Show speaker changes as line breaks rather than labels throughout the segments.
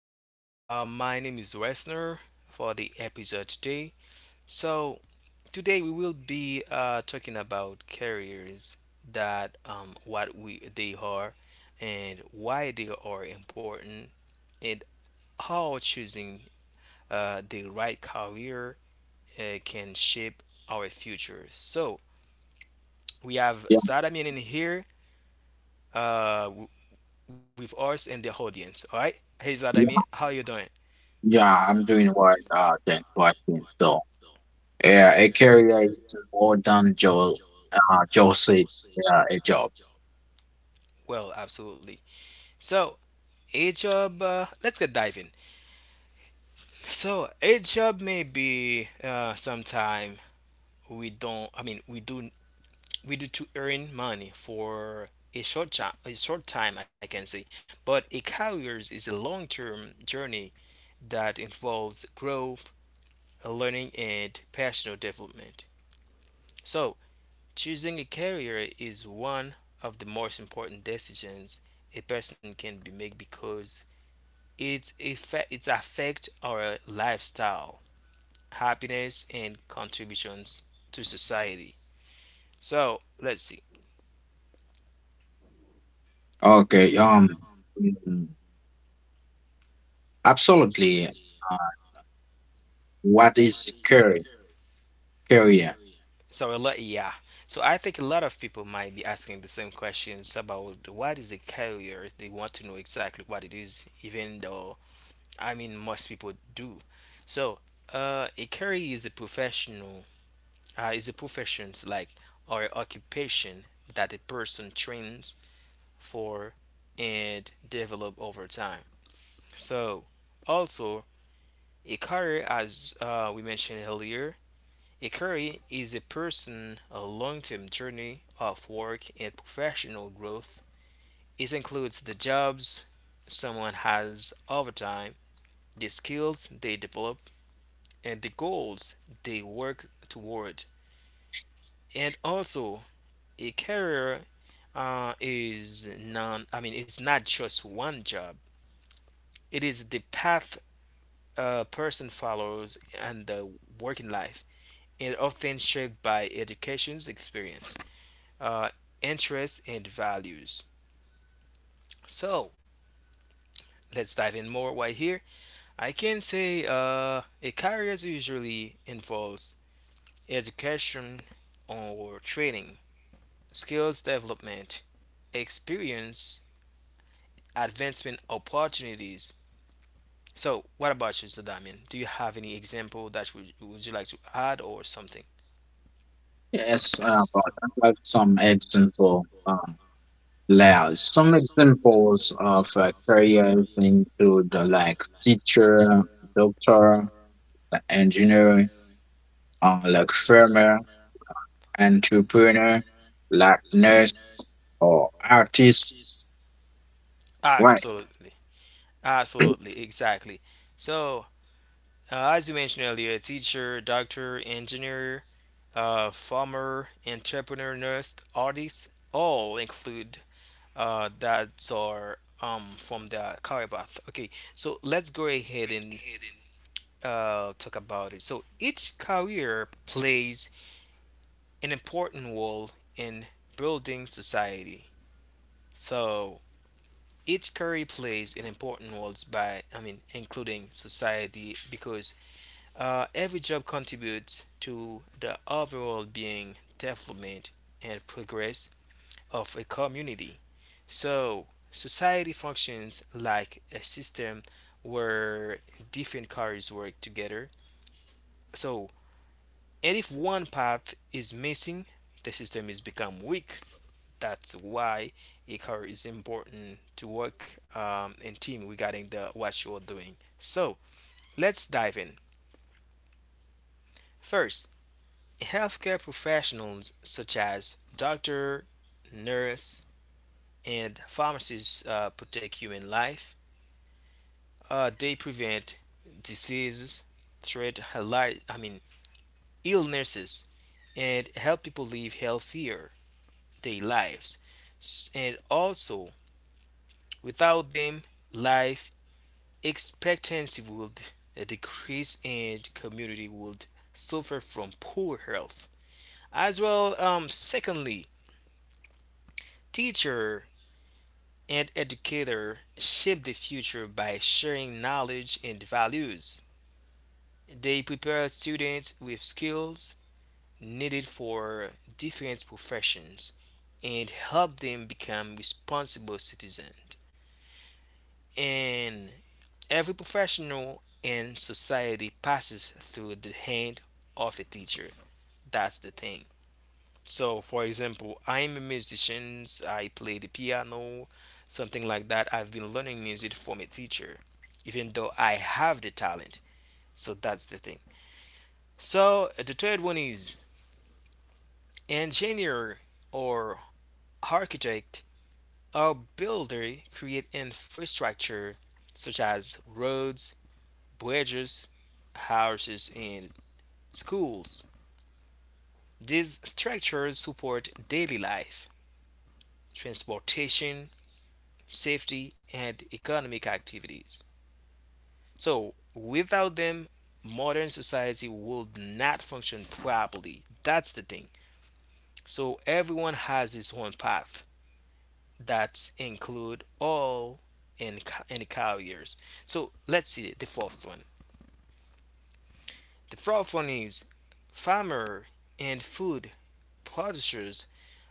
My name is Wesner for the episode today. So, today we will be talking about carriers that what we they are and why they are important and how choosing the right career can shape our future. So, we have
Yeah,
Zadamian in here uh, w- with us and the audience. All right. Hey, Zadamian,
yeah,
how you doing?
yeah. I'm doing what thanks for asking. So yeah, a career is more than just uh just a, a job.
Well, absolutely. So, a job, let's get diving. So, a job may be sometime we don't, I mean, we do to earn money for a short time, I can say. But a career is a long-term journey that involves growth, learning, and personal development. So, choosing a career is one of the most important decisions a person can be make because it affect our lifestyle, happiness, and contributions to society. So let's see.
Okay. Mm, Absolutely. What is career? Career.
So a lot, yeah. So I think a lot of people might be asking the same questions about what is a career. They want to know exactly what it is, even though I mean most people do. So a career is a profession like or occupation that a person trains for and develop over time. So, also, a career, as we mentioned earlier, a career is a long-term journey of work and professional growth. It includes the jobs someone has over time, the skills they develop, and the goals they work toward. And also, a career is non. I mean, it's not just one job. It is the path a person follows and the working life, and often shaped by education's experience, uh, interests, and values. So let's dive in more right here. I can say a career usually involves education or training, skills development, experience, advancement opportunities. So, what about you, Sadamian? Do you have any example that would you like to add or something?
Yes. But I have some example. Some examples of careers include like teacher, doctor, the engineer, like farmer, entrepreneur, like nurse or artist, right?
Absolutely, absolutely, exactly. So, as you mentioned earlier, a teacher, doctor, engineer, farmer, entrepreneur, nurse, artist, all include that are from the career path. Okay, so let's go ahead and talk about it. So each career plays an important role in building society. So each career plays an important role by, I mean, including society because every job contributes to the overall being, development, and progress of a community. So, society functions like a system where different cars work together. So, and if one path is missing, the system is become weak. That's why a car is important to work in team regarding the what you are doing. So, let's dive in. First, healthcare professionals such as doctor, nurse, and pharmacists protect human life. They prevent diseases, I mean illnesses, and help people live healthier their lives. And also, without them, life expectancy would decrease, and community would suffer from poor health. As well, secondly, teacher and educators shape the future by sharing knowledge and values. They prepare students with skills needed for different professions and help them become responsible citizens. And every professional in society passes through the hand of a teacher. That's the thing. So, for example, I'm a musician, I play the piano, something like that. I've been learning music from a teacher, even though I have the talent. So, that's the thing. So, the third one is engineer or architect or builder create infrastructure such as roads, bridges, houses, and schools. These structures support daily life, transportation, safety, and economic activities. So, without them, modern society would not function properly. That's the thing. So, everyone has his own path. That include all and and carriers. So, let's see the fourth one. The fourth one is farmer and food producers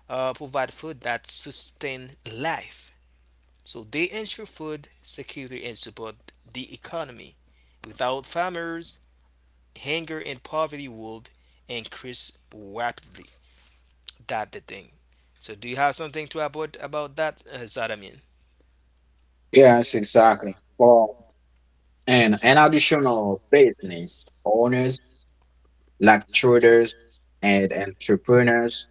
provide food that sustain life. So they ensure food security and support the economy. Without farmers, hunger and poverty would increase rapidly. That's the thing. So do you have something to about that, Zadamin?
Yes, exactly. For and additional business owners like traders and entrepreneurs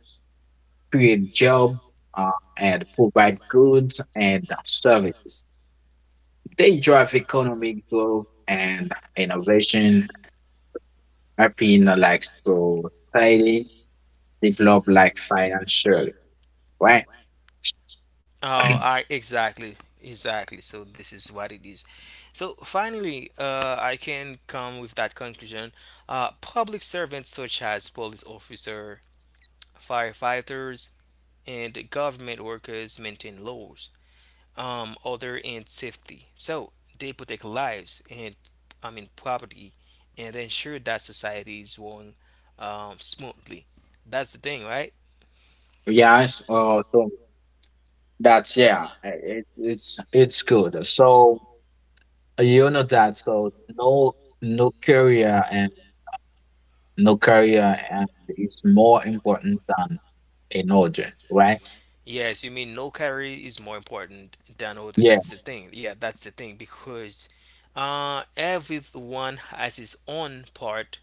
create job uh, and provide goods and services. They drive economic growth and innovation, helping like society develop like financially, right?
Oh, I exactly, exactly. So this is what it is. So finally, I can come with that conclusion. Public servants such as police officer, firefighters, and government workers maintain laws, order and safety. So they protect lives and I mean property and ensure that society is run smoothly. That's the thing, right?
Yes, so that's yeah, it's good. So you know that. So no, no career and no career and is more important than an order, right?
Yes, you mean no carry is more important than order.
Yeah,
That's the thing. Yeah, that's the thing because everyone has his own part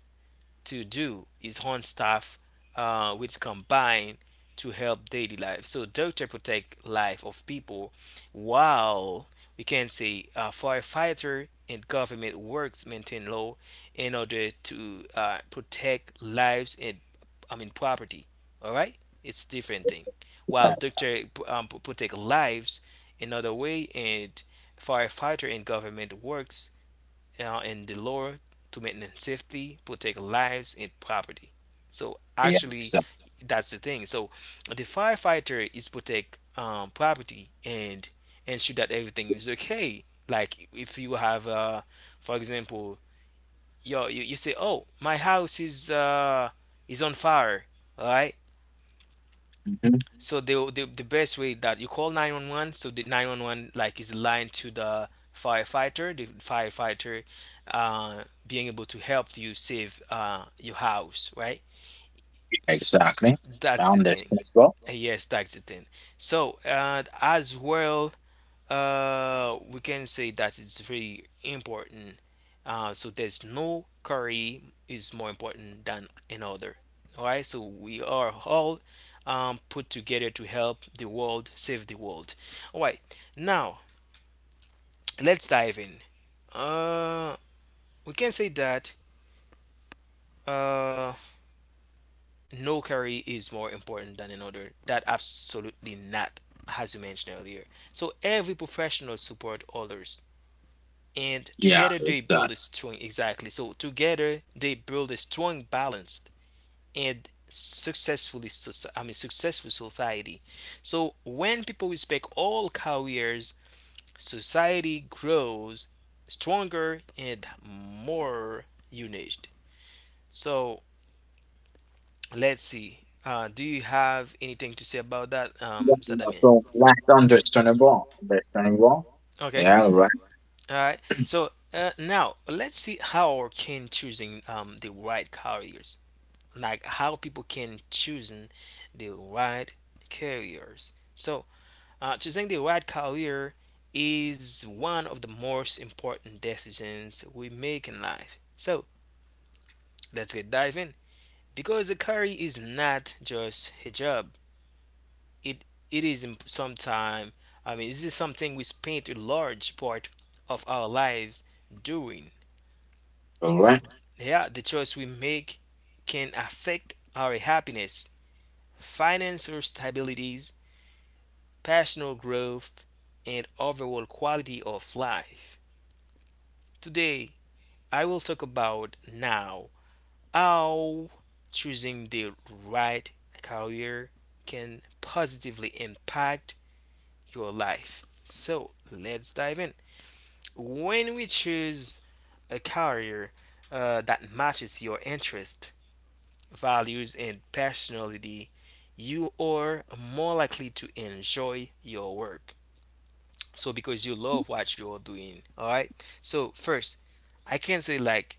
to do is own staff, which combine to help daily life. So doctor protect life of people, while we can say firefighter and government works maintain law in order to protect lives and I mean property. All right, it's different thing. While
uh,
doctor protect lives another way, and firefighter and government works and the Lord to maintain safety, protect lives and property. So
yeah, yeah,
actually,
so,
that's the thing. So the firefighter is protect property and ensure that everything is okay. Like if you have, for example, you say, "Oh, my house is on fire," all right?
mhm,
So the best way that you call 911, so the 911 like is aligned to the firefighter being able to help you save your house, right?
exactly.
Exactly. That's the thing.
Understandable.
Yes, that's the thing. So as well, we can say that it's very important. So there's no career is more important than another. All right, so we are all put together to help the world save the world. All right, now let's dive in. Uh, we can say that uh, no career is more important than another. That absolutely not, as you mentioned earlier. So every professional support others and
Yeah,
together they
exactly.
build a strong exactly so together they build a strong balanced and successfully I mean successful society. So when people respect all careers, society grows stronger and more united. So let's see, do you have anything to say about that
Yeah, no,
Zadamian?
so that's understandable. Understandable.
Okay,
Yeah,
all right, so now let's see how can choosing the right careers, like how people can choosing the right careers. So choosing the right career is one of the most important decisions we make in life. So let's get dive in because a career is not just a job. It it is sometime. I mean, this is something we spend a large part of our lives doing.
all right,
Yeah, the choice we make can affect our happiness, finance, or stability, personal growth, and overall quality of life. Today, I will talk about now how choosing the right career can positively impact your life. So, let's dive in. When we choose a career that matches your interests, values, and personality, you are more likely to enjoy your work so because you love what you're doing, all right. So first I can say like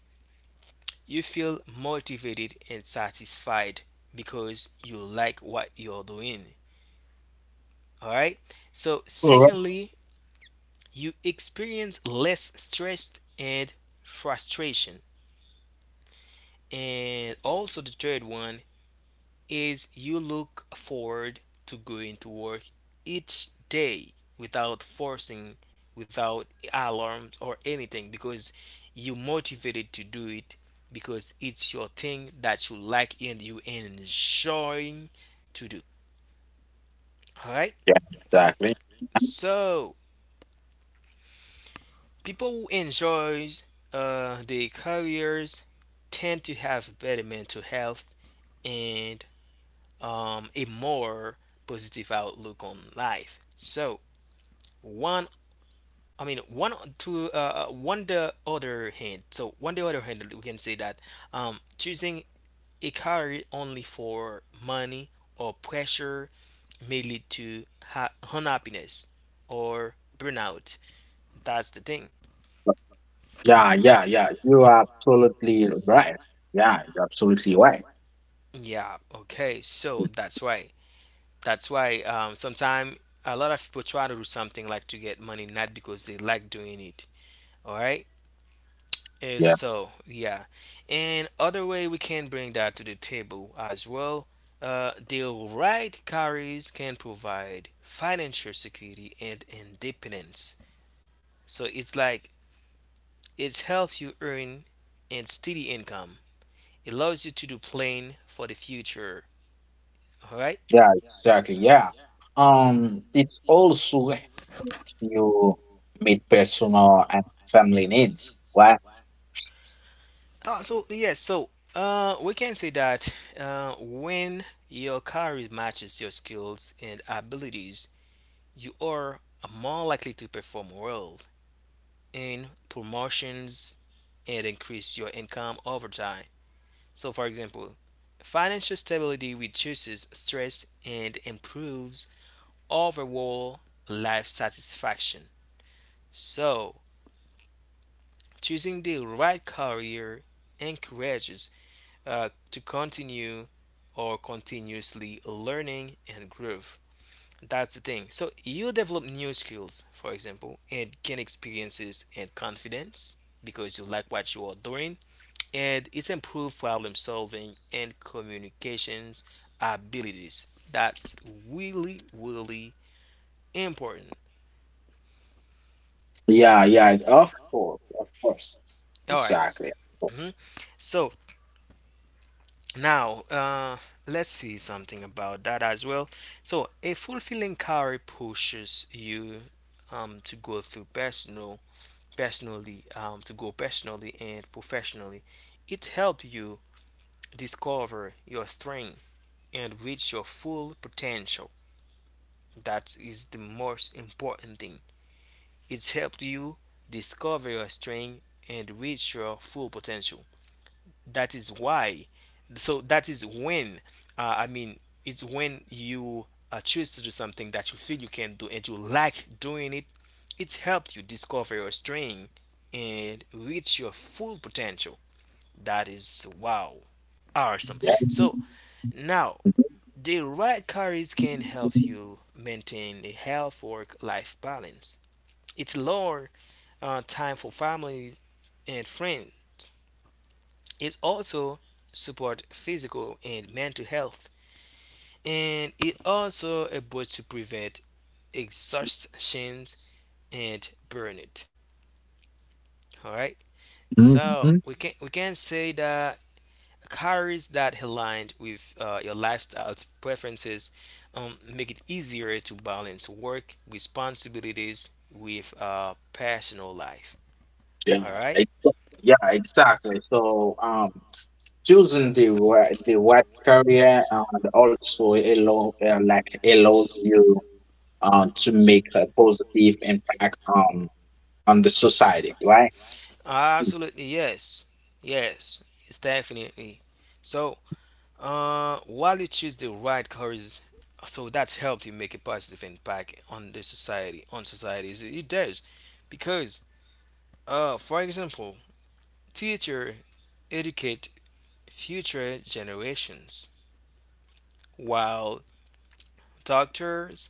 you feel motivated and satisfied because you like what you're doing, all right. So
all right.
secondly, you experience less stress and frustration, and also the third one is you look forward to going to work each day without forcing, without alarms or anything because you motivated to do it because it's your thing that you like and you enjoy to do. All right?
Yeah, exactly.
So, people who enjoys their careers tend to have better mental health and a more positive outlook on life. So, one I mean, one to one the other hand. So on the other hand, we can say that choosing a career only for money or pressure may lead to unhappiness or burnout. That's the thing.
So, yeah. You are absolutely right. Yeah, you're absolutely right.
Yeah. Okay. So that's why. That's why sometimes a lot of people try to do something like to get money, not because they like doing it. All right.
Yeah.
So yeah, and other way we can bring that to the table as well. The right carriers can provide financial security and independence. So it's like it's helps you earn and steady income. It allows you to do plan for the future. All right.
Yeah, exactly. Yeah. It also helps you meet personal and family needs. Right?
So yes, so we can say that when your career matches your skills and abilities, you are more likely to perform well in promotions and increase your income over time. So, for example, financial stability reduces stress and improves overall life satisfaction. So, choosing the right career encourages to continue or continuously learning and growth. That's the thing. So you develop new skills, for example, and gain experiences and confidence because you like what you are doing and it's improved problem solving and communications abilities. That's really, really important.
Yeah, of course, of course.
All right.
Exactly.
Mhm. So now let's see something about that as well. So a fulfilling career pushes you to go through personal, personally, to go personally and professionally. It helps you discover your strength and reach your full potential. That is the most important thing. It's helped you discover your strength and reach your full potential. That is why. So that is when, it's when you choose to do something that you feel you can do and you like doing it. It's helped you discover your strength and reach your full potential. That is wow, awesome.
Yeah.
So now the right careers can help you maintain a health work life balance. It's lower time for family and friends. It also support physical and mental health, and it also able to prevent exhaustion and burnout. All right, so
Mhm.
we can say that calories that aligned with your lifestyle preferences, make it easier to balance work responsibilities with personal life.
Yeah,
All right.
ex- yeah, exactly. So, choosing the right career and also allow, like allows you to make a positive impact on the society, right?
Absolutely, yes. Yes, it's definitely. So, while you choose the right course, so that's helped you make a positive impact on the society, on societies. It does. Because, for example, teacher educate future generations, while doctors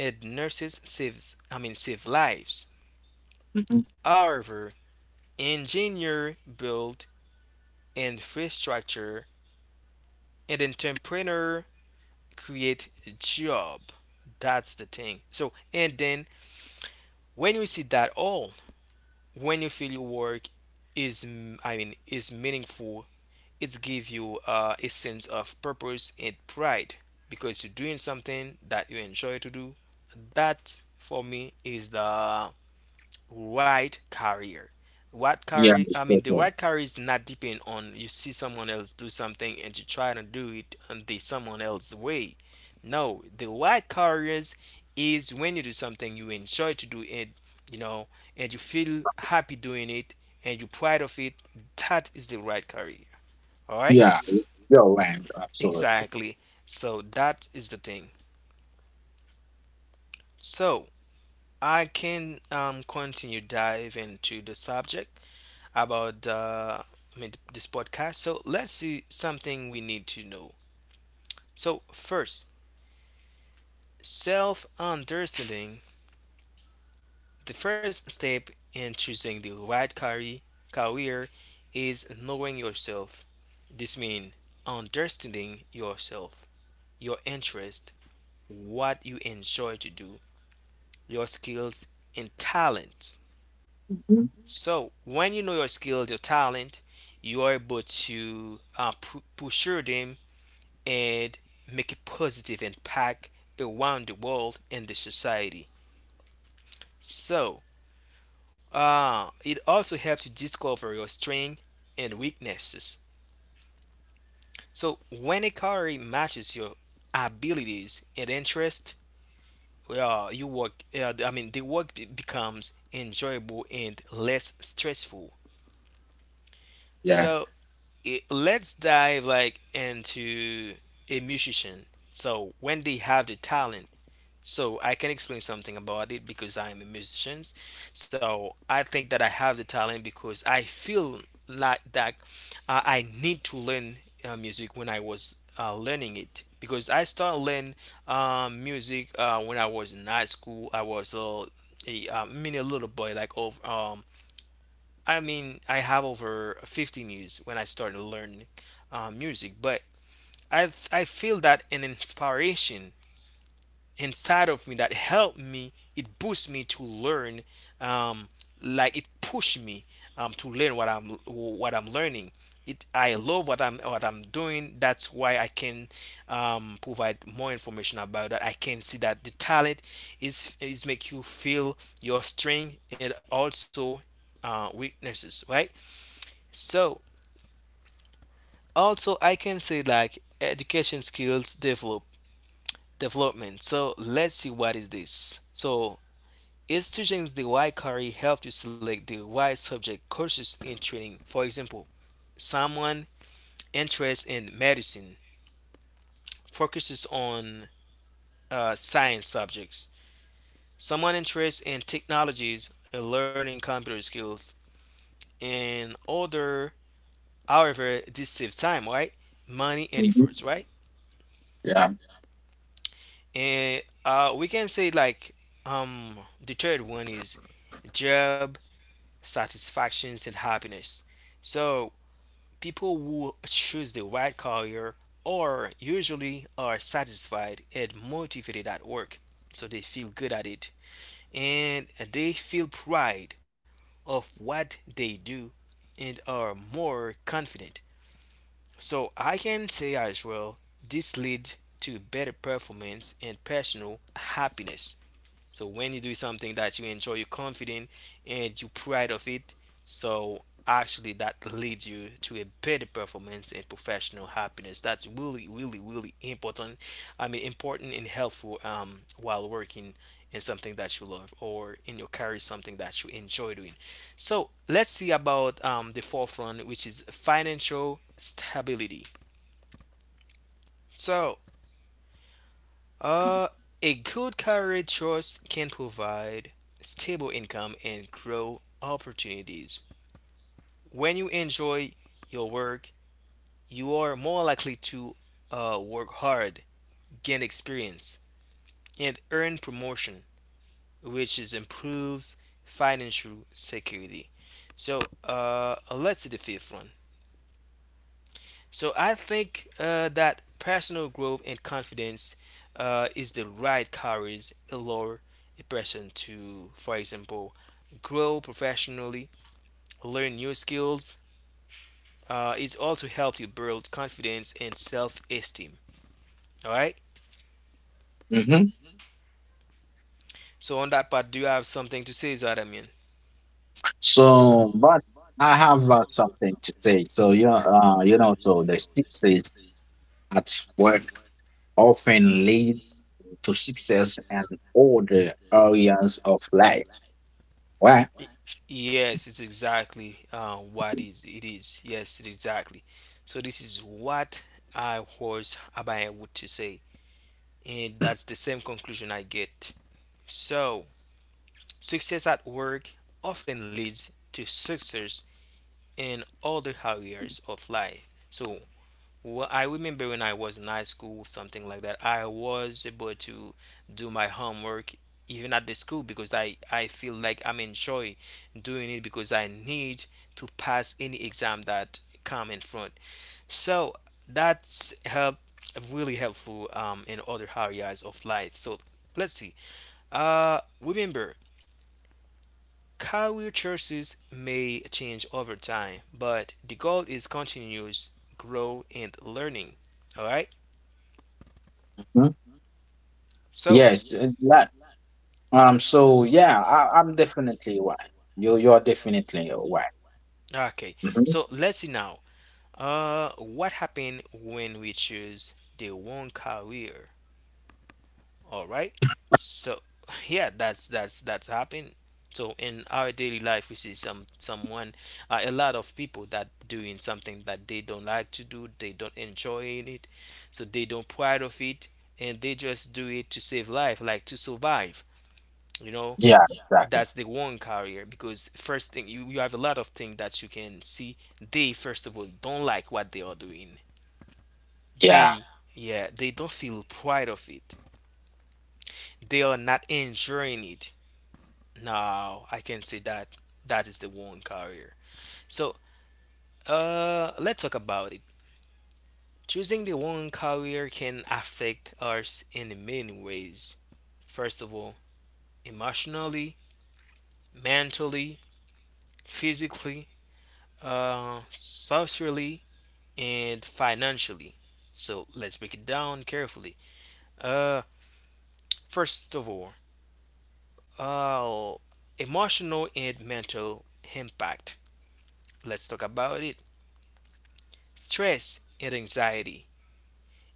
and nurses saves, I mean, save lives.
Mhm.
However, engineer build infrastructure and entrepreneur create job, that's the thing. So and then when you see that all, when you feel your work is I mean is meaningful, it's give you a sense of purpose and pride because you're doing something that you enjoy to do. That for me is the right career. What
Yeah,
career? I mean, the
exactly.
right career is not depend on you see someone else do something and you try to do it on the someone else's way. No, the right careers is when you do something you enjoy to do it, you know, and you feel happy doing it and you proud of it. That is the right career. All right.
Yeah, you're right. Absolutely.
Exactly. So that is the thing. So I can continue dive into the subject about this podcast. So let's see something we need to know. So first, self-understanding. The first step in choosing the right career is knowing yourself. This means understanding yourself, your interest, what you enjoy to do, your skills and talents.
Mhm.
So when you know your skills, your talent, you are able to pursue them and make a positive impact around the world and the society. So, it also helps you discover your strengths and weaknesses. So, when a career matches your abilities and interests, you work. I mean, the work becomes enjoyable and less stressful.
Yeah.
So, it, let's dive like into a musician. So, when they have the talent. So I can explain something about it because I am a musician. So I think that I have the talent because I feel like that I need to learn music when I was learning it because I started learning music when I was in high school. I was a mini little boy like of I mean I have over 15 years when I started learning music, but I feel that an inspiration inside of me that helped me, it boosts me to learn, um, like it pushed me, to learn what I'm learning. It, I love what I'm doing. That's why I can, provide more information about that. I can see that the talent is make you feel your strength and also weaknesses, right? So also I can say like education skills develop development. So let's see what is this. So is choosing the right career help you select the right subject courses in training? For example, someone interested in medicine focuses on science subjects. Someone interested in technologies and learning computer skills. And other, however, this saves time, right? Money and
Mhm.
efforts, right?
Yeah.
And we can say like, um, the third one is job satisfactions and happiness. So people who choose the right career are usually are satisfied and motivated at work, so they feel good at it and they feel pride of what they do and are more confident. So I can say as well, this leads to better performance and personal happiness. So when you do something that you enjoy, you're confident and you're proud of it. So actually, that leads you to a better performance and professional happiness. That's really, really, really important. I mean, important and helpful while working in something that you love or in your career, something that you enjoy doing. So let's see about the fourth one, which is financial stability. So Uh, a good career choice can provide stable income and grow opportunities. When you enjoy your work, you are more likely to work hard, gain experience, and earn promotion, which is improves financial security. So let's see the fifth one. So I think that personal growth and confidence, is the right courage allow a person to, for example, grow professionally, learn new skills. It's also help you build confidence and self-esteem. All right.
Hmm.
So on that part, do you have something to say, Zadamian?
But I have something to say. So, you know, so the success at work often lead to success in all the areas of life, right?
Yes, it's exactly what is it is. Yes, it exactly. So this is what I was about to say, and that's the same conclusion I get. So, success at work often leads to success in other areas of life. So, I remember when I was in high school, something like that, I was able to do my homework even at the school because I feel like I'm enjoy doing it because I need to pass any exam that come in front. So that's help really helpful in other areas of life. So let's see, remember, career choices may change over time, but the goal is continuous grow and learning. All right.
Mhm.
So,
Yes. Yeah, I'm definitely right. You're definitely right.
okay.
Mhm.
So let's see now. What happened when we choose the wrong career? All right. So yeah, that's happened. So in our daily life, we see someone, a lot of people that doing something that they don't like to do, they don't enjoy in it, so they don't pride of it, and they just do it to save life, like to survive. You know,
Yeah. Exactly.
that's the one career, because first thing you have a lot of things that you can see. They first of all don't like what they are doing.
Yeah.
They, yeah, they don't feel pride of it. They are not enjoying it. Now I can say that that is the one career. So let's talk about it. Choosing the one career can affect us in many ways. First of all, emotionally, mentally, physically, socially, and financially. So let's break it down carefully. Uh, first of all, uh, emotional and mental impact. Let's talk about it. Stress and anxiety.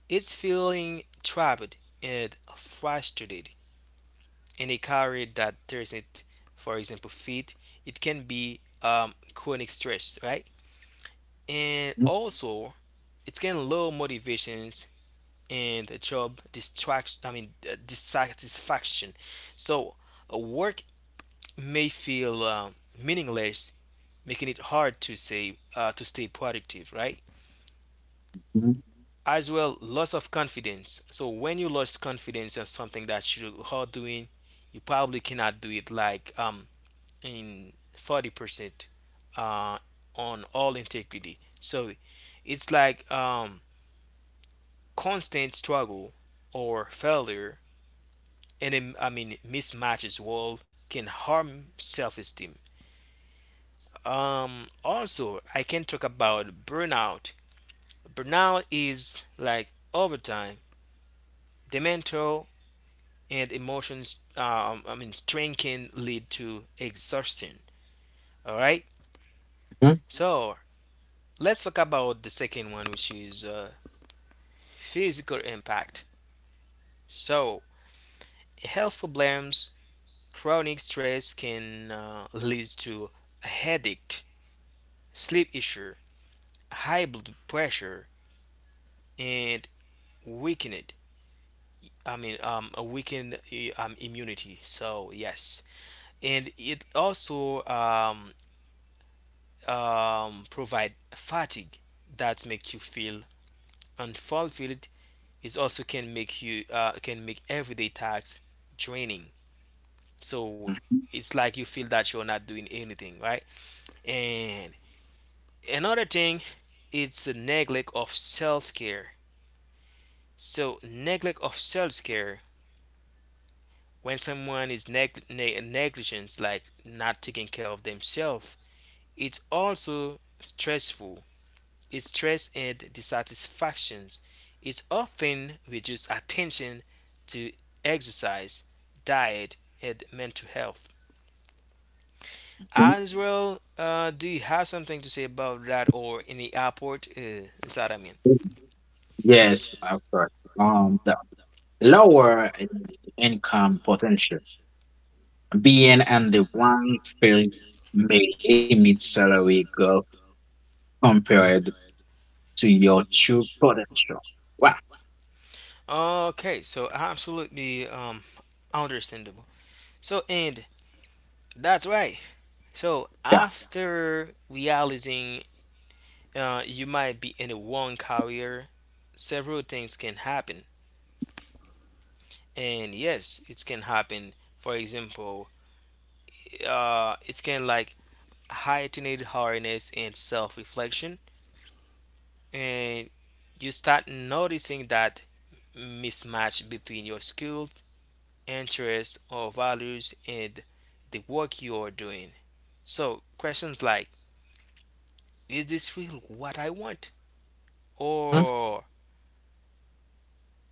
It's feeling trapped and frustrated in a career that doesn't, for example, fit. It can be chronic stress, right? And
Mhm,
also, it can low motivations and the job distraction. I mean, dissatisfaction. So, work may feel meaningless, making it hard to say, to stay productive, right? As well, loss of confidence. So when you lose confidence in something that you are doing, you probably cannot do it like, in 40%, uh on all integrity. So it's like, constant struggle or failure, and, I mean mismatches world can harm self-esteem. Also I can talk about burnout. Burnout is like overtime, the mental and emotions, I mean strain can lead to exhaustion. All right.
mhm,
So let's talk about the second one, which is physical impact. So health problems. Chronic stress can lead to headache, sleep issue, high blood pressure, and weakened, I mean a weakened immunity. So yes, and it also provide fatigue that make you feel unfulfilled. Is also can make you can make everyday tasks draining. So
mhm,
it's like you feel that you're not doing anything right. And another thing, it's the neglect of self-care. So neglect of self-care, when someone is negligent, like not taking care of themselves, it's also stressful. Its stress and dissatisfactions is often reduced attention to exercise, diet, and mental health.
mhm,
As well, do you have something to say about that or any airport? Is that I mean?
mhm. Yes, of course. The lower income potential being and the one field may limit salary growth compared to your true potential. Wow.
Okay, so absolutely, understandable. So, and that's right. So,
Yeah.
after realizing you might be in a wrong career, several things can happen. And yes, it can happen. For example, it can like heightened awareness and self-reflection, and you start noticing that mismatch between your skills, interests or values and the work you are doing. So questions like, is this really what I want?
Mhm.
Or,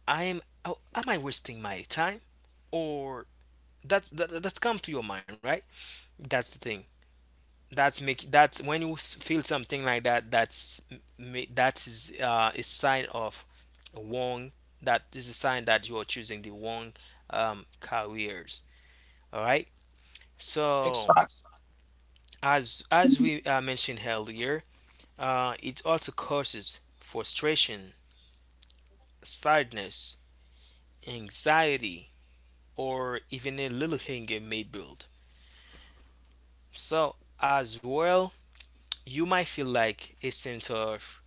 am I wasting my time? Or that's come to your mind, right? That's the thing. That's when you feel something like that. That's that is a sign of wrong. That is a sign that you are choosing the wrong careers. All right.
Exactly.
So as we mentioned earlier, it also causes frustration, sadness, anxiety, or even a little anger may build. So as well, you might feel like a sense of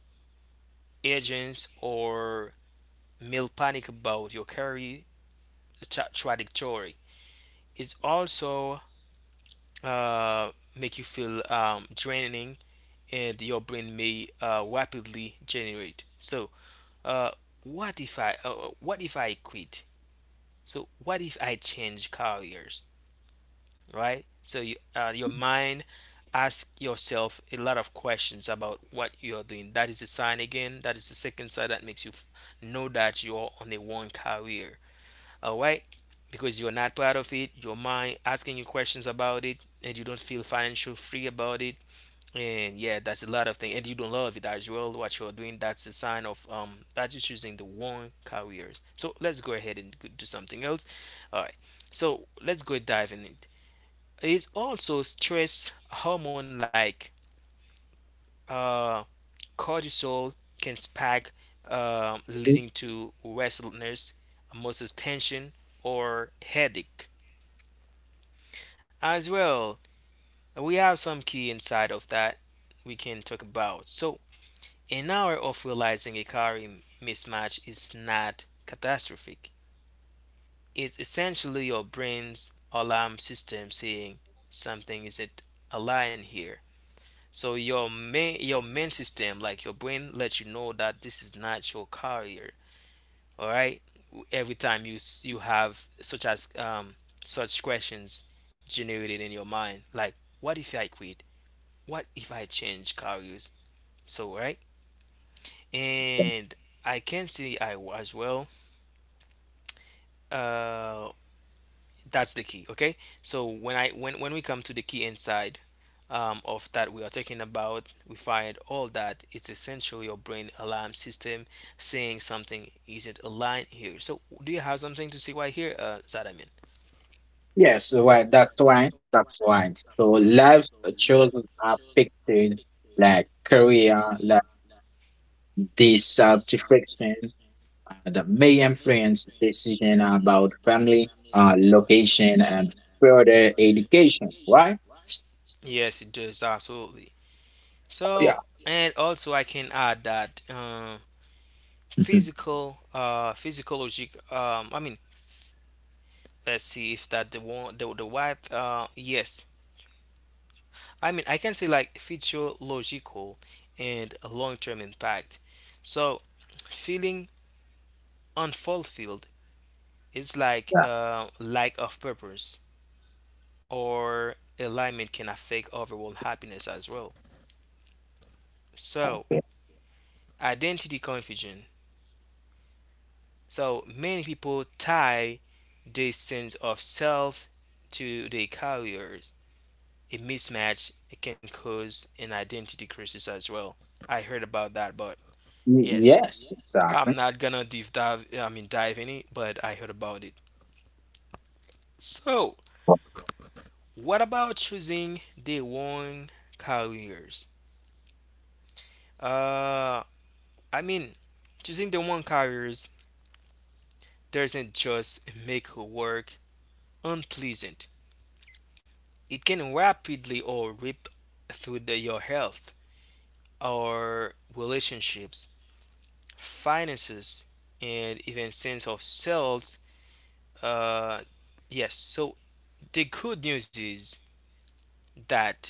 urgency, or may panic about your career trajectory. It's also uh, make you feel draining, and your brain may rapidly generate. So, uh, what if I quit? So, what if I change careers, right? So you, your mind ask yourself a lot of questions about what you are doing. That is the sign again. That is the second sign that makes you know that you are on a one career. All right. Because you're not part of it, your mind asking you questions about it, and you don't feel financial free about it. And yeah, that's a lot of things, and you don't love it as well what you're doing. That's a sign of that you're choosing the wrong careers. So let's go ahead and do something else. All right. So let's go dive in It is also stress hormone like uh cortisol can spike, leading to restlessness, muscle tension, or headache. As well, we have some key inside of that we can talk about. So, an hour of realizing a career mismatch is not catastrophic. It's essentially your brain's alarm system saying something isn't aligned here. So your main system, like your brain, lets you know that this is not your career. All right. Every time you have such as such questions generated in your mind, like, what if I quit? What if I change careers? So right, and I can see I as well. Uh, that's the key. Okay. So when I when we come to the key inside of that we are talking about, we find all that it's essentially your brain alarm system saying something isn't aligned here. So do you have something to see why here, Zadamin?
Yes, right. That's right. So life choices are affected like career, like dissatisfaction, that may influence decision about family, location, and further education, right?
Yes, it does absolutely.
Yeah.
So, and also I can add that
Mhm.
physical physiologic I mean, let's see if that the one the right yes, I mean, I can say like feature logical and long-term impact. So feeling unfulfilled is like
Exactly.
lack of purpose or alignment can affect overall happiness as well. So identity confusion, so many people tie their sense of self to their career. A mismatch, it can cause an identity crisis as well. I heard about that. But yes,
Yes,
I'm
exactly.
not gonna deep dive, I mean, dive in it, but I heard about it. So what about choosing the one carriers? uh i mean Choosing the one carriers doesn't just make work unpleasant. It can rapidly or rip through your health or relationships, finances, and even sense of selves. Uh, yes, so the good news is that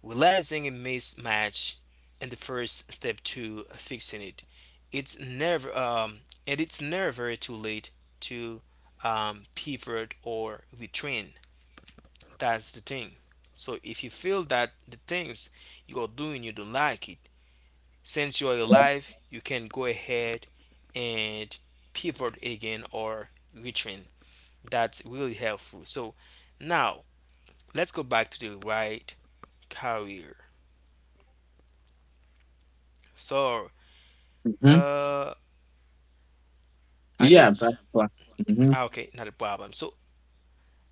realizing a mismatch and the first step to fixing it. It's never and it's never too late to pivot or retrain. That's the thing. So if you feel that the things you're doing you don't like it, since you are alive, you can go ahead and pivot again or retrain. That's really helpful. So now let's go back to the right career. So
Hmm.
uh i mean
Yeah, that's what. Mhm,
ah, okay, not a problem. So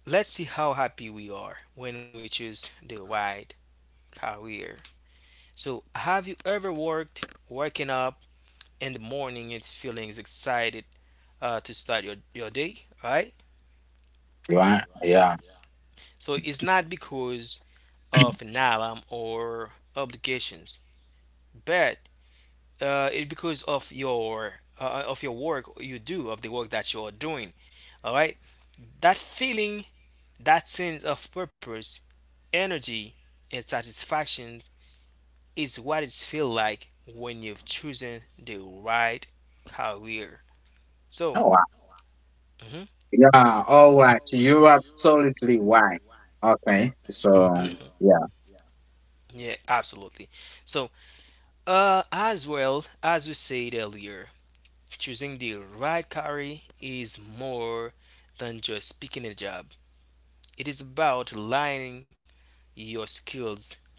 let's see how happy we are when we choose the right career. So have you ever worked waking up in the morning and feeling excited to start your day, right?
right. Yeah.
So it's not because of Nalam or obligations, but it's because of your work you do of the work that you are doing. All right, that feeling, that sense of purpose, energy, and satisfaction is what it feels like when you've chosen the right career. So,
Oh, wow.
mhm,
Yeah. All right. You're absolutely right. Okay. So,
mhm.
yeah.
yeah, absolutely. So, as well as we said earlier, choosing the right career is more than just picking a job. It is about aligning your skills,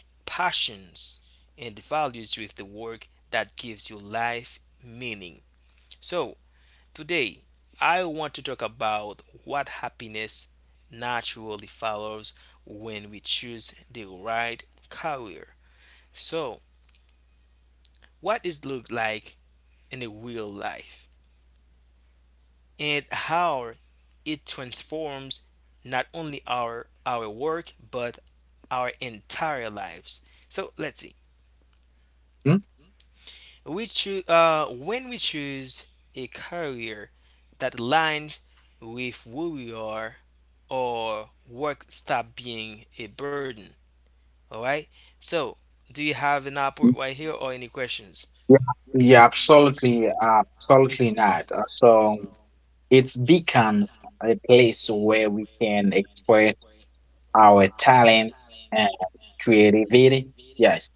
passions, and values with the work that gives your life meaning. So, today, I want to talk about what happiness naturally follows when we choose the right career. So, what does it look like in a real life? And how it transforms not only our work but our entire lives. So let's see.
Mhm.
We choose when we choose a career that aligns with who we are, or work stop being a burden. All right. So, do you have an output right here or any questions?
Yeah, yeah, absolutely, absolutely not. So it's become a place where we can express our talent and creativity. Yes.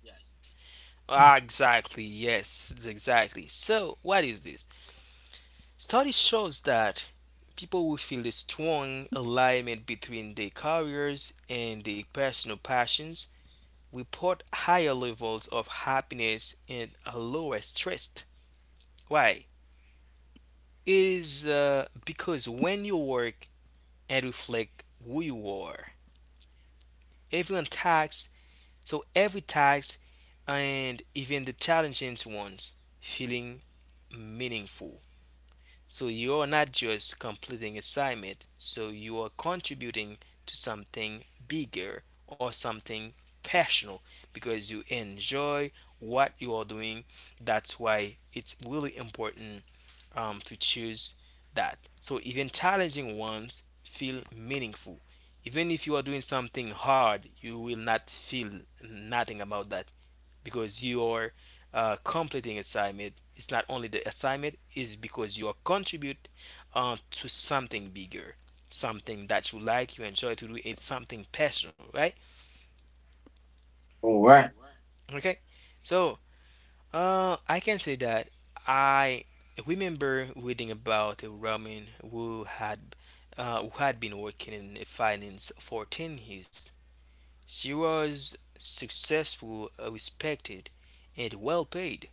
Ah, exactly. Yes, exactly. So, what is this? Study shows that people who feel a strong alignment between their careers and their personal passions report higher levels of happiness and a lower stress. Why? Is because when you work and reflect who you are, everyone tax, so every tax and even the challenging ones feeling meaningful. So you are not just completing assignment, so you are contributing to something bigger or something passionate because you enjoy what you are doing. That's why it's really important to choose that. So even challenging ones feel meaningful. Even if you are doing something hard, you will not feel nothing about that because you are completing assignment. It's not only the assignment; it's because you are contribute to something bigger, something that you like, you enjoy to do. It's something personal, right?
All right.
Okay. So I can say that I remember reading about a woman who had been working in finance for 10 years. She was successful, respected, and well paid.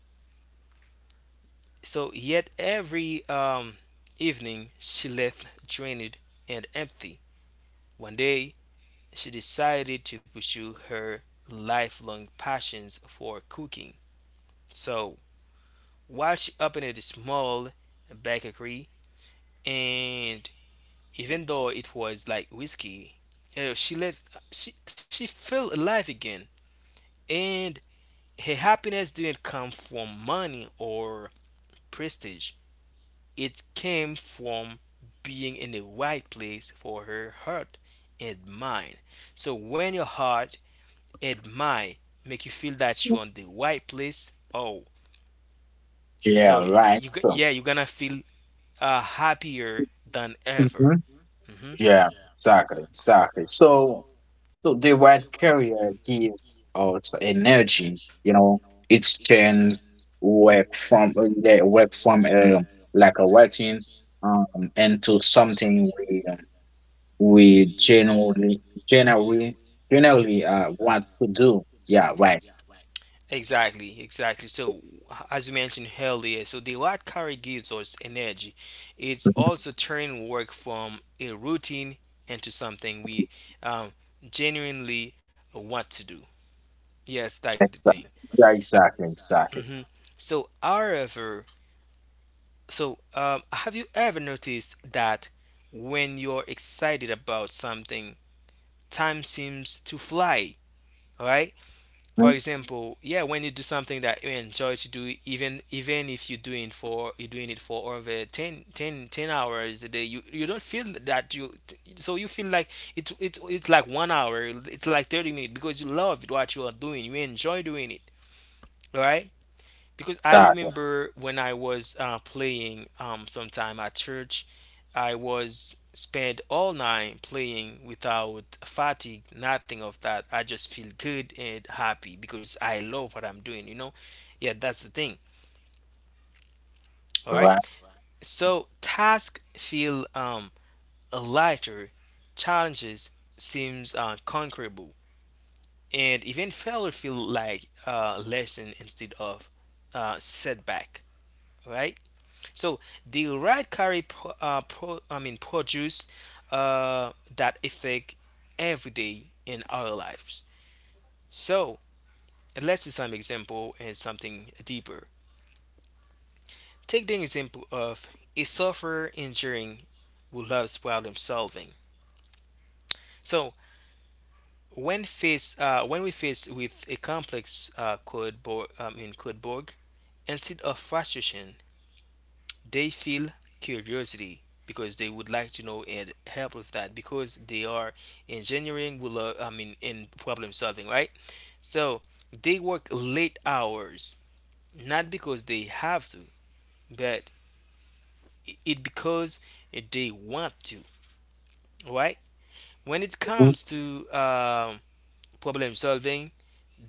So yet every evening she left drained and empty. One day she decided to pursue her lifelong passions for cooking. So while she opened a small bakery, and even though it was like whiskey, you know, she left. She felt alive again, and her happiness didn't come from money or prestige. It came from being in the right place for her heart and mind. So when your heart and mind make you feel that you're on the right place, oh,
Yeah,
so yeah,
right.
you
So,
you're gonna feel happier than ever.
mhm,
hmm hmm
yeah, exactly. So, so the white career gives us energy. You know, it turns work from like a routine um into something we generally generally want to do. Yeah, right.
Exactly, exactly. So, as you mentioned earlier, so the light carry gives us energy. It's
Mhm.
also turning work from a routine into something we um, genuinely want to do. Yes, that's the thing.
Exactly. Yeah, exactly.
hmm So, however, so have you ever noticed that when you're excited about something, time seems to fly, right? For example, yeah, when you do something that you enjoy to do, even if you're doing for you're doing it for over 10 hours a day, you don't feel that you, so you feel like it's like one hour, it's like 30 minutes, because you love what you are doing, you enjoy doing it, right? Because I
Exactly.
remember when I was playing sometime at church, I was spent all night playing without fatigue, nothing of that. I just feel good and happy because I love what I'm doing, you know? Yeah, that's the thing. All right.
Right.
So task feel lighter, challenges seems conquerable, and even failure feel like lesson instead of setback. All right. So the right carry I mean produce that effect every day in our lives. So let's see some example and something deeper. Take the example of a software engineering who loves problem solving. So when we face with a complex code I mean code bug, instead of frustration, they feel curiosity because they would like to know and help with that because they are engineering will I mean in problem solving, right? So they work late hours not because they have to but it because they want to, right? When it
Mhm.
comes to problem solving,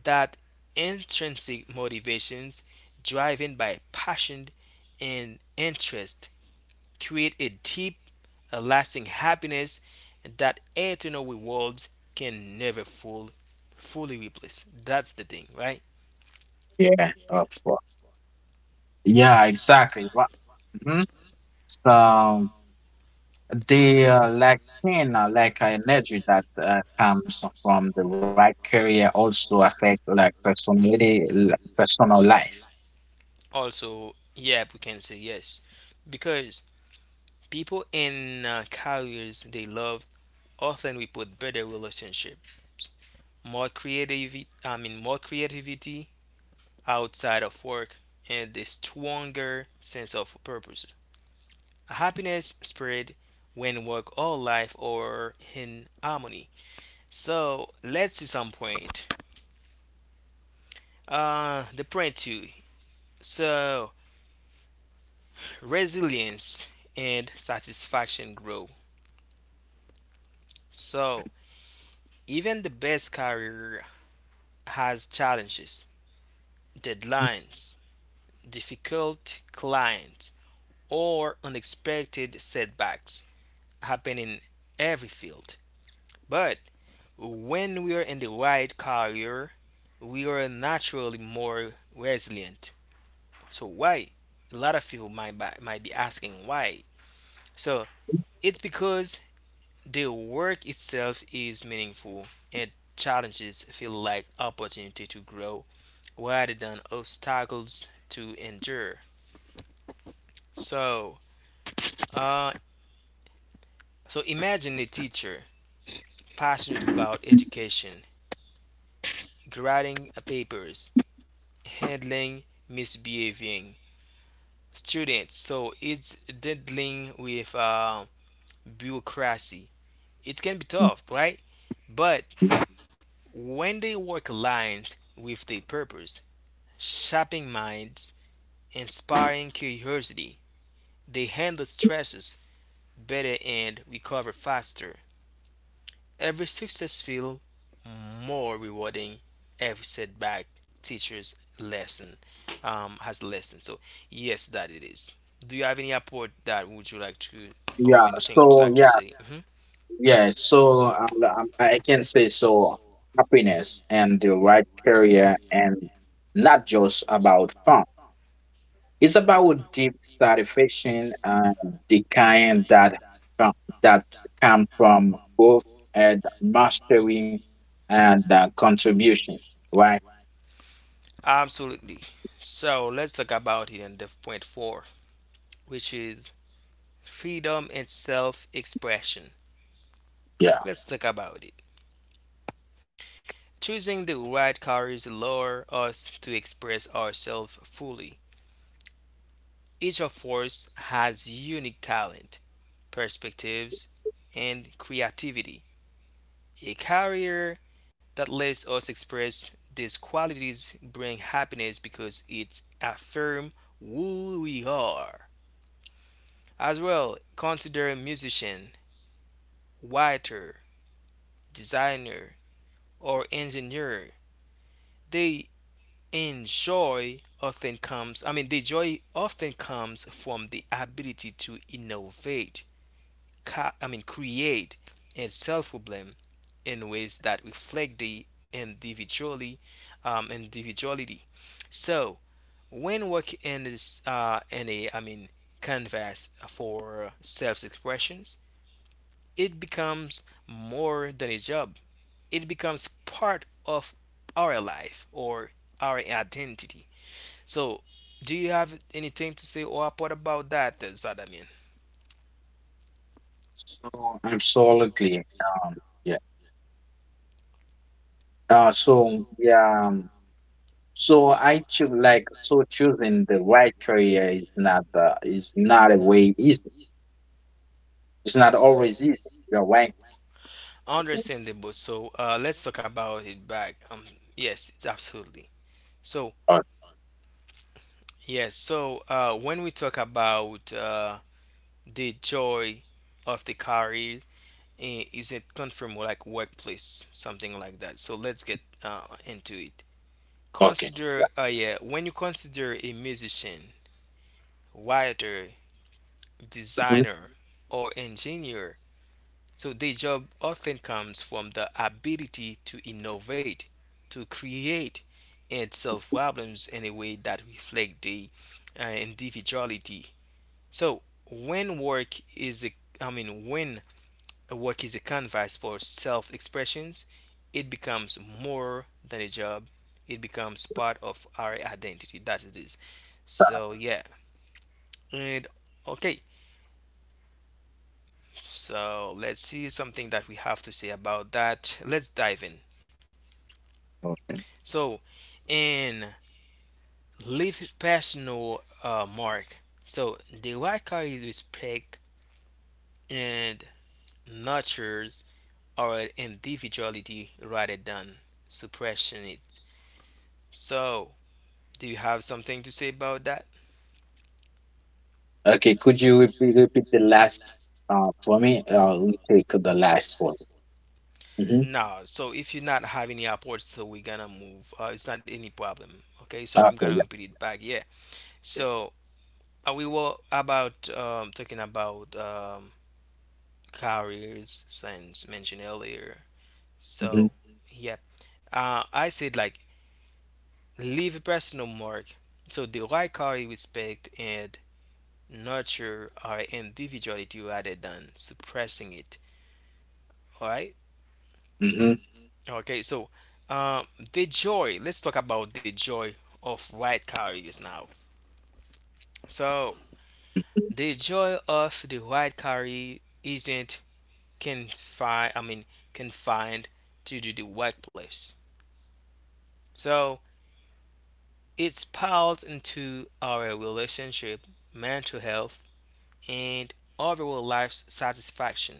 that intrinsic motivations driven by passion and interest create a deep, a lasting happiness that eternal rewards can never fully replace. That's the thing, right?
Yeah. Of course. Yeah. Exactly. Right. Hmm. So the like pain, like energy that comes from the right career also affect like personality, personal life.
Also, yeah, we can say yes, because people in careers they love often report better relationships, more creativity. I mean, more creativity outside of work and a stronger sense of purpose. Happiness spread when work or life are in harmony. So let's see some point. The point two. So resilience and satisfaction grow. So even the best career has challenges, deadlines, difficult clients, or unexpected setbacks happen in every field. But when we are in the right career, we are naturally more resilient. So why? A lot of people might be asking why. So it's because the work itself is meaningful, and challenges feel like opportunity to grow rather than obstacles to endure. So, uh, so imagine a teacher passionate about education, grading papers, handling misbehaving students. So it's dealing with bureaucracy. It can be tough, right? But when they work aligns with their purpose, shaping minds, inspiring curiosity, they handle stresses better and recover faster. Every success feels more rewarding. Every setback teaches lesson has a lesson. So yes, that it is. Do you have any apport that would you like to
Yeah.
or anything would you like
So
to
yeah.
say?
Yeah. So I can say so happiness and the right career and not just about fun. It's about deep satisfaction and the kind that com- that come from growth and mastery and contribution, right?
Absolutely. So let's talk about it in the point four, which is freedom and self-expression.
Yeah.
Let's talk about it. Choosing the right colors allows us to express ourselves fully. Each of us has unique talent, perspectives, and creativity. A career that lets us express these qualities brings happiness because it affirms who we are. As well, consider a musician, writer, designer, or engineer. They the joy often comes from the ability to innovate create and solve problem in ways that reflect the individually individuality. So when work in this in a I mean canvas for self-expressions, it becomes more than a job. It becomes part of our life or our identity. So, do you have anything to say or what about that, Zadamin?
So absolutely. Yeah. Uh, so yeah. um, So I choose like so choosing the right career is not a way easy. It's not always easy. You're right.
Understandable. So, let's talk about it back. Yes, it's absolutely. So,
Oh,
yes. So, when we talk about the joy of the career, is it come from like workplace, something like that? So, let's get into it.
okay.
Consider, yeah, when you consider a musician, writer, designer, or engineer. So this job often comes from the ability to innovate, to create and solve problems in a way that reflect the individuality. So when work is a I mean when a work is a canvas for self-expressions, it becomes more than a job. It becomes part of our identity. That it is. So yeah. And okay. So let's see something that we have to say about that. Let's dive in.
Mhm.
So, and leave personal mark. So, the white card is respect and nurtures our individuality rather than suppression it. So, do you have something to say about that?
Okay, could you repeat the last for me? We take the last one. Mm-hmm.
No. So, if you not have any apports, so we're gonna move. It's not any problem. Okay. So,
Okay,
I'm gonna
yeah.
repeat it back. Yeah. So, we were about talking about careers, since mentioned earlier.
Mm-hmm.
So, yep. I said like leave a personal mark. So the right quality respect and nurture our individuality rather than suppressing it. All right.
Mm-hmm.
Okay. So um, the joy. Let's talk about the joy of white carriers now. So the joy of the white carrier isn't confined. I mean confined to the workplace. So it's piled into our relationship, mental health and overall life satisfaction.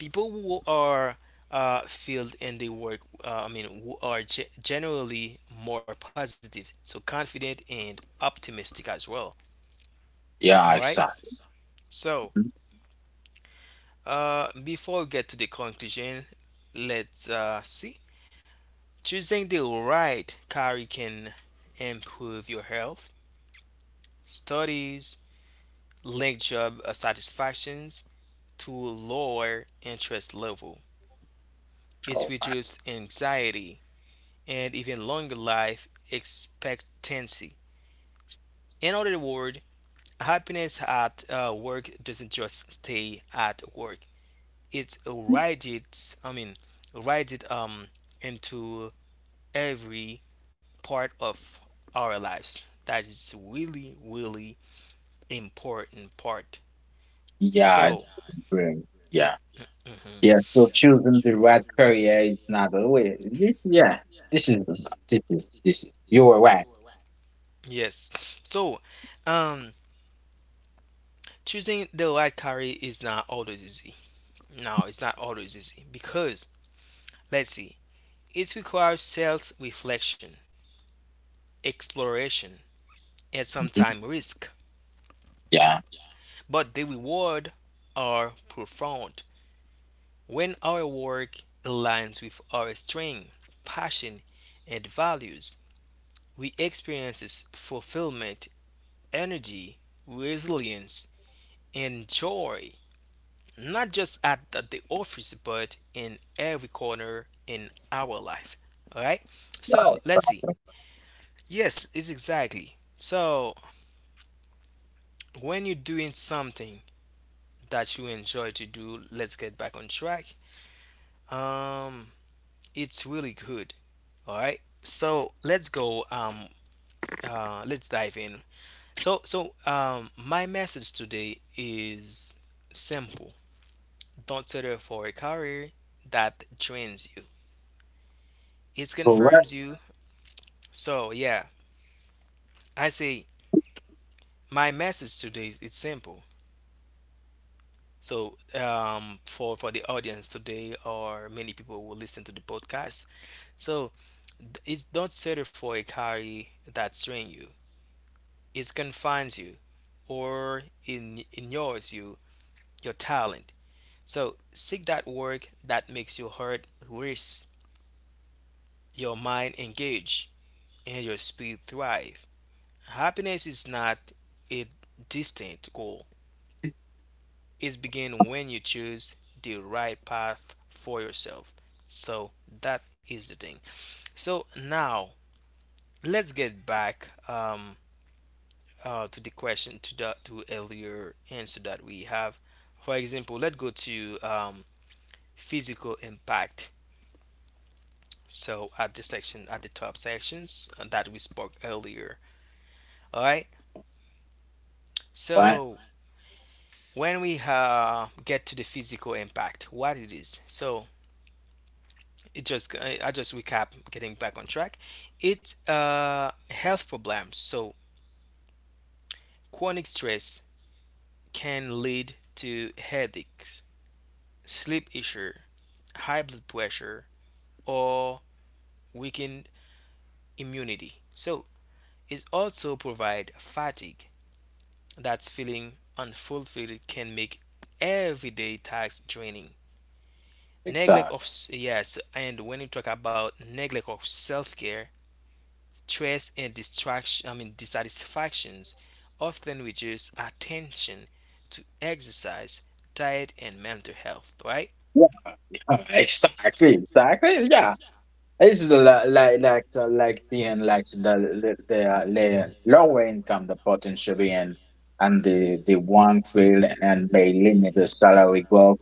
People who are filled in their work, who are generally more positive, so confident and optimistic as well. All
Yeah,
right.
exactly.
So, before we get to the conclusion, let's see. Choosing the right career can improve your health, studies, link job satisfactions to lower interest level. It
Oh,
reduces anxiety and even longer life expectancy. In other words, happiness at work doesn't just stay at work. It radiates into every part of our lives. That is really, really important part.
yeah,
So,
brilliant. Yeah,
mhm,
yeah. So choosing the right career is not the way. This, yeah, this is this is you were right.
yes. So, um, choosing the right career is not always easy. No, it's not always easy because let's see, it requires self reflection, exploration, and
Mhm.
sometimes risk,
Yeah,
but the reward are profound when our work aligns with our strength, passion, and values. We experience fulfillment, energy, resilience, and joy, not just at the office, but in every corner in our life. All right. So let's see. Yes, it's exactly. So, when you're doing something that you enjoy to do, let's get back on track. Um, it's really good. All right. So let's go. Let's dive in. So my message today is simple. Don't settle for a career that drains you. It
so right,
confirms you. So yeah, I say my message today is it's simple. So, for the audience today, or many people will listen to the podcast. So, it's not settle for a career that strains you. It confines you, or in ignores you your talent. So, seek that work that makes your heart race, your mind engage, and your spirit thrive. Happiness is not a distant goal. Is begin when you choose the right path for yourself. So that is the thing. So now let's get back to the question to the to earlier answer that we have. For example, let's go to physical impact. So at the section at the top sections that we spoke earlier. All right.
right,
So when we get to the physical impact, what it is. So it just I just recap getting back on track, it's health problems. So chronic stress can lead to headaches, sleep issue, high blood pressure, or weakened immunity. So it also provide fatigue. That's feeling unfulfilled can make everyday tasks draining. Neglect
exactly.
of yes, and when you talk about neglect of self-care, Stress and distraction, I mean dissatisfactions, often reduce attention to exercise, diet, and mental health. Right?
Yeah, exactly. Yeah, it's the like the- like being like the the lower income the potential being and the one field and may limit the salary growth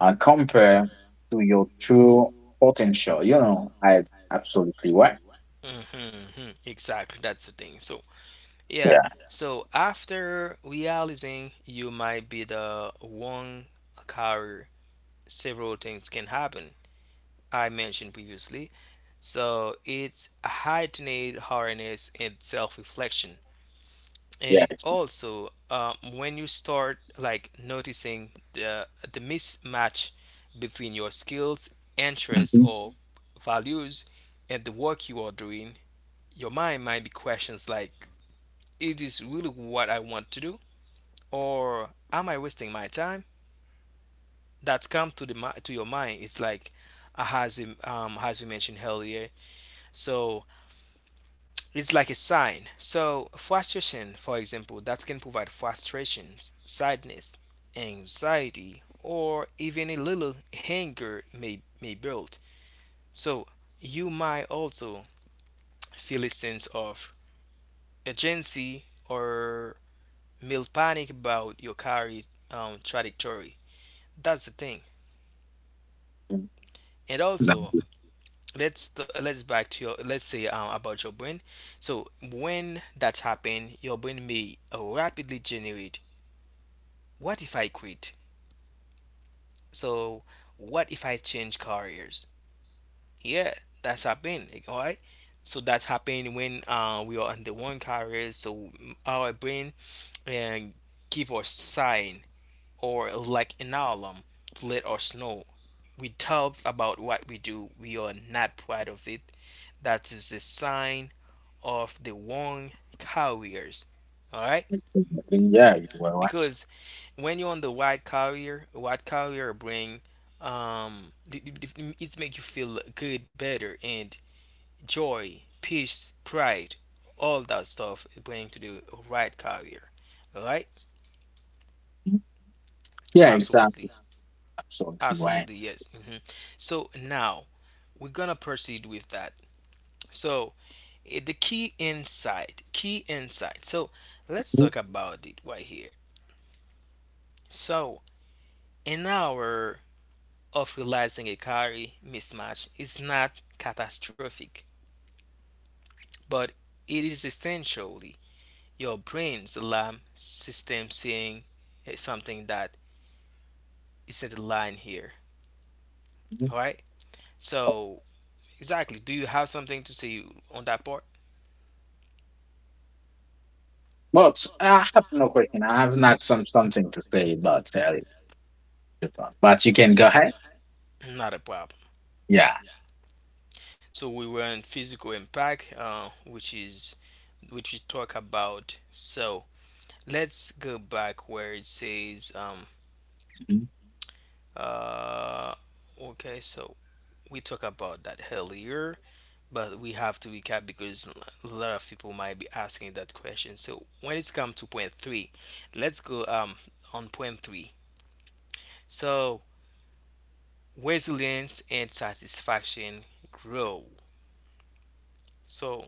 and compare to your true potential. You know, I absolutely right.
Exactly. That's the thing. So yeah.
Yeah,
So after realizing you might be the one carrier, several things can happen. I mentioned previously. So it's heightened awareness and self-reflection. And
yeah,
it
it's-
also when you start like noticing the mismatch between your skills, interests
Mhm.
or values and the work you are doing, your mind might be questions like: is this really what I want to do, or am I wasting my time? That's come to to your mind. It's like, as we mentioned earlier. So it's like a sign. So frustration, for example, that can provide frustrations, sadness, anxiety, or even a little anger may build. So you might also feel a sense of urgency or mild panic about your career trajectory. That's the thing.
Mm,
And also, let's back to your let's say about your brain. So when that happens, your brain may rapidly generate: what if I quit? So what if I change careers? Yeah, that's happened. Like, all right. So that's happened when we are on the one career. So our brain and give us sign or like an alarm to let us know. We talk about what we do. We are not proud of it. That is a sign of the wrong careers. All right.
definitely, yeah, you were right.
Because when you're on the white carrier bring it's make you feel good, better, and joy, peace, pride, all that stuff it bring to the white carrier. All right?
Mhm. Yeah,
Absolutely,
exactly, absolutely right.
absolutely, yes. So now we're gonna proceed with that. So key insight. So let's
Mhm.
talk about it right here. So in our of realizing a calorie mismatch is not catastrophic, but it is essentially your brain's alarm system saying, something that isn't aligned here.
Mhm.
All right. So, exactly. Do you have something to say on that part?
But I have no question. I have not some something to say about Japan, but you can go ahead.
Not a problem.
Yeah.
So we were on physical impact, which is which we talk about. So let's go back where it says uh okay. So we talk about that earlier. But we have to recap because a lot of people might be asking that question. So when it's come to point three, let's go on point three. So resilience and satisfaction grow. So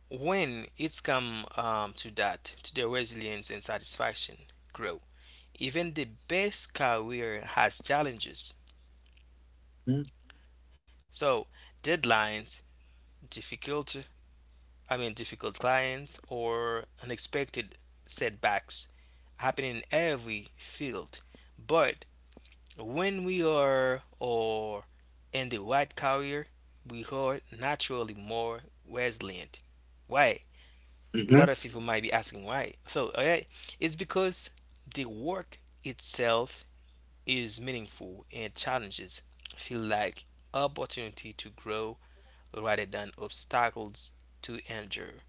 when it's come to that, to the resilience and satisfaction grow. Even the best career has challenges.
Mhm.
So deadlines, difficult difficult clients or unexpected setbacks happen in every field. But when we are or in the right career, we are naturally more resilient. Why? A
Mhm.
lot of people might be asking why. So, alright, it's because the work itself is meaningful and challenges feel like opportunity to grow rather than obstacles to endure.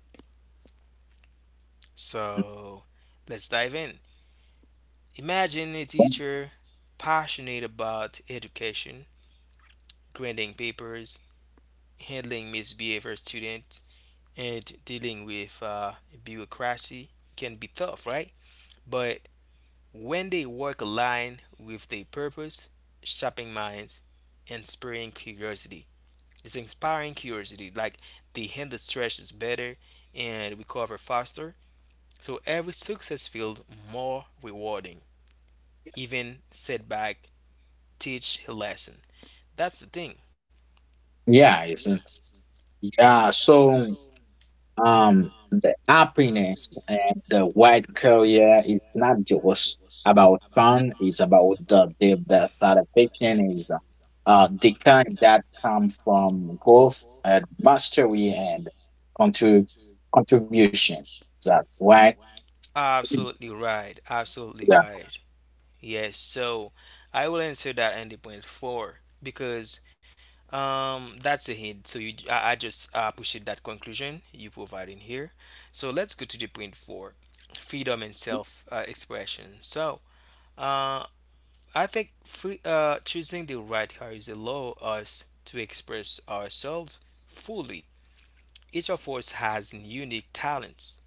So let's dive in. Imagine a teacher passionate about education, grading papers, handling misbehavior students, and dealing with bureaucracy can be tough, right? But when they work aligned with their purpose, shopping minds, inspiring curiosity. It's inspiring curiosity. Like they handle stresses better and recover faster. So every success feels more rewarding. Even setback teach a lesson. That's the thing.
Yeah, it's yeah. So the happiness and the white career is not just about fun. It's about the satisfaction is the kind that comes from growth and mastery and contrib- contribution. Is that right?
Absolutely right. Absolutely
Yeah.
right. Yes. So I will answer that in the point four because that's a hint. So you I just appreciate that conclusion you provide in here. So let's go to the point four, freedom and self expression. So uh choosing the right car is allow us to express ourselves fully. Each of us has unique talents,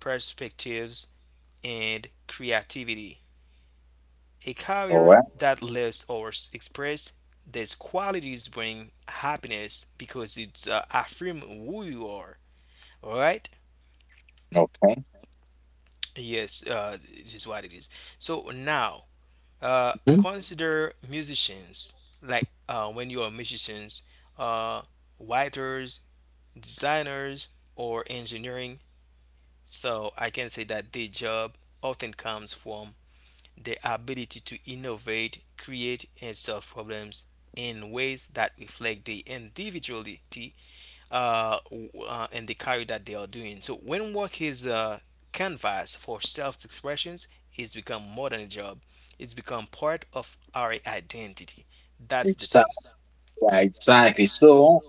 perspectives, and creativity. A
All
career
right.
that lets us express these qualities bring happiness because it's affirm who you are. All right?
Okay.
Yes, this is what it is. So now,
Mhm.
consider musicians. Like when you are musicians, uh, writers, designers, or engineering. So I can say that the job often comes from the ability to innovate, create, and solve problems in ways that reflect the individuality and the career that they are doing. So when work is a canvas for self-expressions, it's become more than a job. It's become part of our identity. That's the
Exactly.
thing.
Exactly. So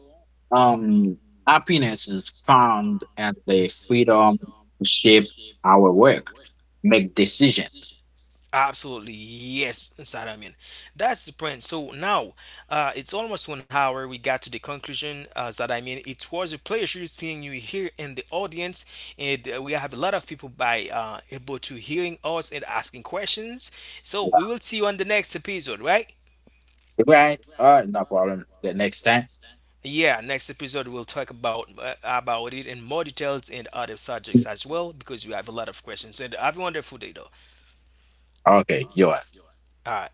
um, happiness is found at the freedom to shape our work, make decisions.
Absolutely, yes, Sadamian. That's the point. So now, it's almost 1 hour. We got to the conclusion, Sadamian. It was a pleasure seeing you here in the audience, and we have a lot of people by able to hearing us and asking questions. So we will see you on the next episode, right?
Right? All right, no problem. The next time.
Yeah, next episode we'll talk about it in more details and other subjects as well because we have a lot of questions. And have a wonderful day, though.
Okay, you are.
All right.